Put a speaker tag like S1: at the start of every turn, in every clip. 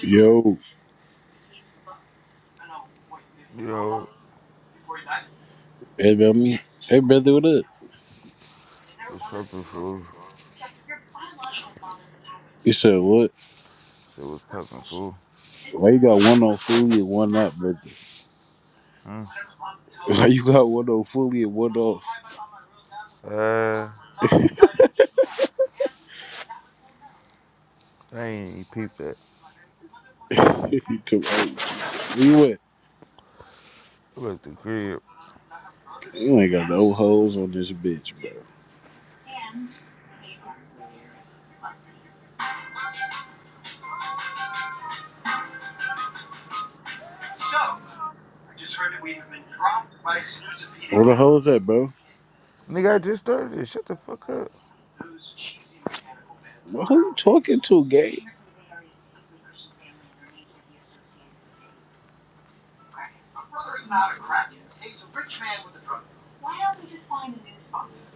S1: Yo,
S2: Yo,
S1: hey me. hey brother, what up?
S2: it's poppin' fool.
S1: You said what?
S2: Shit was poppin' fool.
S1: Why you got one on fully and one not, brother?
S2: Hmm?
S1: Why you got one on fully and one off?
S2: Uh, I ain't even peeped that.
S1: you too old. Where you at?
S2: I was at the crib.
S1: You ain't got no hoes on this bitch, bro. Where the hoes at, bro?
S2: Nigga, I just started it. Shut the fuck up.
S1: Bro, who you talking to, gang?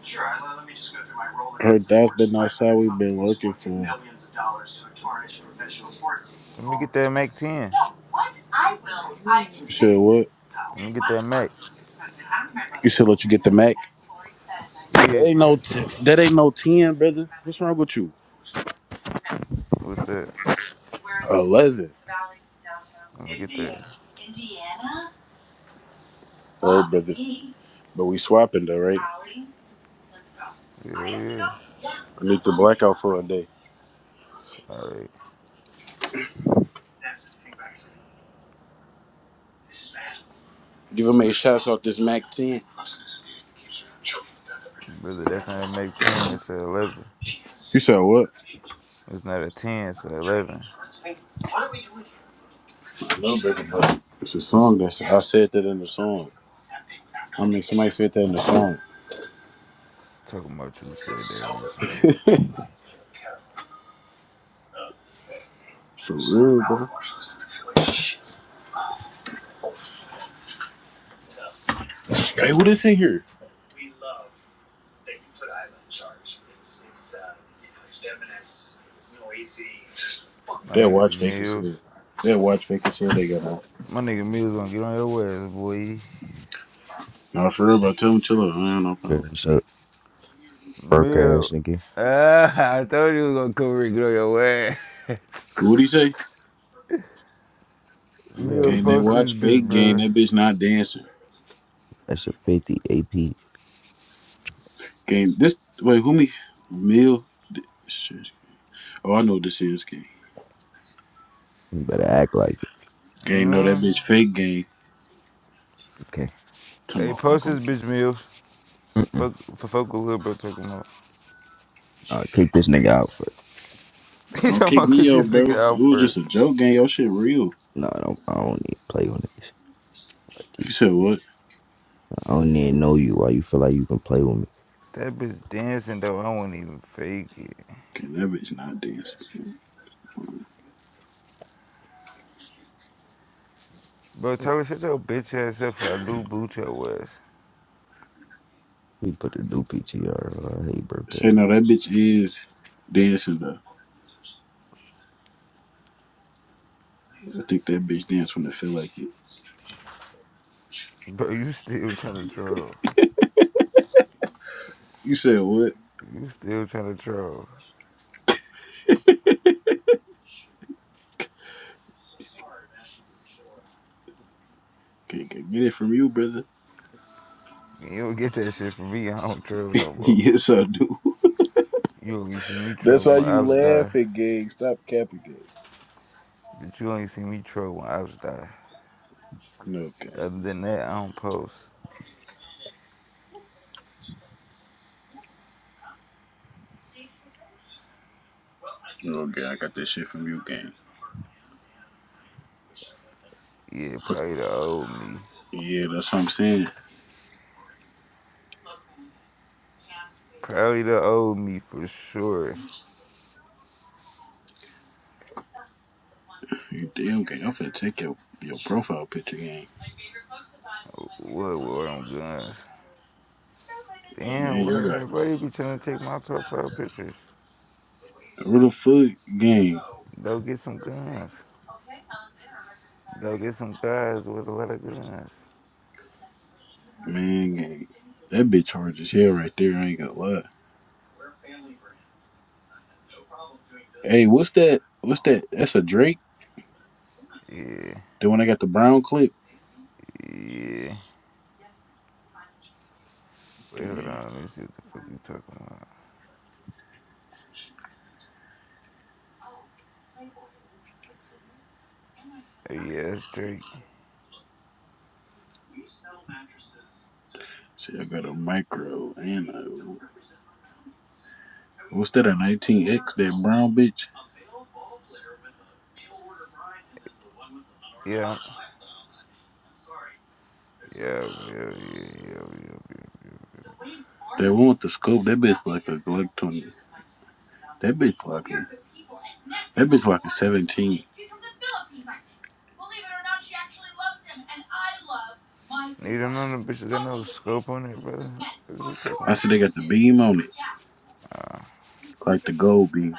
S1: Sure, I- let me just go through my role. Her dad's been outside. We've been working for millions of dollars to tarnish professional sports. team.
S2: Let me get that Mac 10.
S1: No, what I will, I can You said what? this.
S2: Let me
S1: It's
S2: get
S1: my
S2: that Mac.
S1: responsibility as president. I don't care about- You should let you get the Mac. That
S2: Yeah.
S1: ain't no, t- that ain't no ten, brother. What's wrong with you?
S2: What's that?
S1: Where's- Eleven.
S2: Let me get that.
S1: Oh, brother. But we swapping though, right? Ollie, I
S2: Yeah,
S1: have to go.
S2: yeah.
S1: Yeah. I need to black out for a day.
S2: All right.
S1: Give him a shout out this Mac ten.
S2: Brother, that's not a Mac 10. That's a 11.
S1: You said what?
S2: It's not a 10. It's a 11.
S1: It's a song that I said that in the song. I mean somebody said that in the song.
S2: Talking about you said that in a song.
S1: For real, bro. Hey, what is in here?
S2: My
S1: That
S2: nigga
S1: watch fake is
S2: Mills.
S1: here. That watch fake is here. They got on.
S2: My nigga Mills gonna get on your ass, boy.
S1: Nah, for real, bro. Tell them chill out. I ain't no problem.
S3: That's a broke ass
S2: Mill,
S3: nigga.
S2: ah, I told you was gonna come Rick on your way.
S1: What do you say?
S3: You
S2: Mills,
S3: already
S1: Game
S3: me,
S1: that
S2: post
S3: bro.
S2: this
S1: watch
S2: bitch,
S1: fake Game
S2: brother.
S1: That bitch not dancing.
S3: That's a 50 AP. You
S1: Game this wait, who me? Mill. Shit. Oh, I know what this is game.
S3: better act like it,
S1: Game, no, that
S2: Mm.
S1: bitch fake Game
S3: okay?
S1: Come
S2: Hey,
S1: on,
S2: post this
S1: uncle.
S2: bitch, Mills.
S3: Mm-mm.
S2: Fuck, for fuck a little bro talking about.
S3: I'll kick this nigga out for
S1: But
S2: He
S1: don't
S2: talking
S1: kick
S2: about kick
S1: me
S2: this
S1: out, bro.
S2: nigga out
S1: It was just a
S2: first.
S1: joke, gang. Your shit real.
S3: No, I don't, I don't need to play on this. Like you,
S1: He said, what?
S3: I don't need to know you why you feel like you can play with me.
S2: That bitch dancing though, I won't even fake it.
S1: Okay, that bitch not dancing.
S2: Bro, Tyler, shut your bitch ass up for a new boot your ass.
S3: He put a new PTR. on. hate broke
S1: Say,
S3: ass.
S1: no, that bitch is dancing, though. I think that bitch dance when they feel like it.
S2: Bro, you still trying to troll.
S1: You said, what?
S2: You still trying to troll.
S1: Can't get it from you, brother.
S2: You don't get that shit from me, I don't troll no more.
S1: yes, I do.
S2: You only see me troll
S1: That's why
S2: when I
S1: you
S2: was die.
S1: laugh at gang. Stop capping gang.
S2: That you only see me troll when I was die.
S1: No, gang.
S2: Other than that, I don't post.
S1: No, gang. I got that shit from you, gang.
S2: Yeah,
S1: But,
S2: probably the old me.
S1: yeah, that's what I'm saying.
S2: Probably the old me for sure.
S1: You damn gang. I'm finna take your, your profile picture, gang.
S2: What war on guns? Damn,
S1: Man, you're
S2: where
S1: right.
S2: everybody be trying to take my profile pictures.
S1: Who the fuck gang?
S2: Go get some guns. Go get some guys with a lot of guns.
S1: Man gang. That bitch hard as hell right there, I ain't gonna lie. Hey, what's that? What's that? That's a Drake?
S2: Yeah,
S1: The one I got the brown clip?
S2: yeah. Wait, hold
S1: Yeah.
S2: on. Let me see what the fuck you talking about. Oh, yeah, that's Drake.
S1: See, I got a micro and a what's that, a nineteen X, that brown bitch?
S2: Yeah, yeah, yeah, yeah, yeah, yeah. yeah. yeah, yeah.
S1: They want the scope. That bitch like a like twenty. That bitch like a. That bitch like a seventeen.
S2: Need another bitch that got no scope on it, brother. What are you talking about?
S1: I see they got the beam on it, like the gold beam.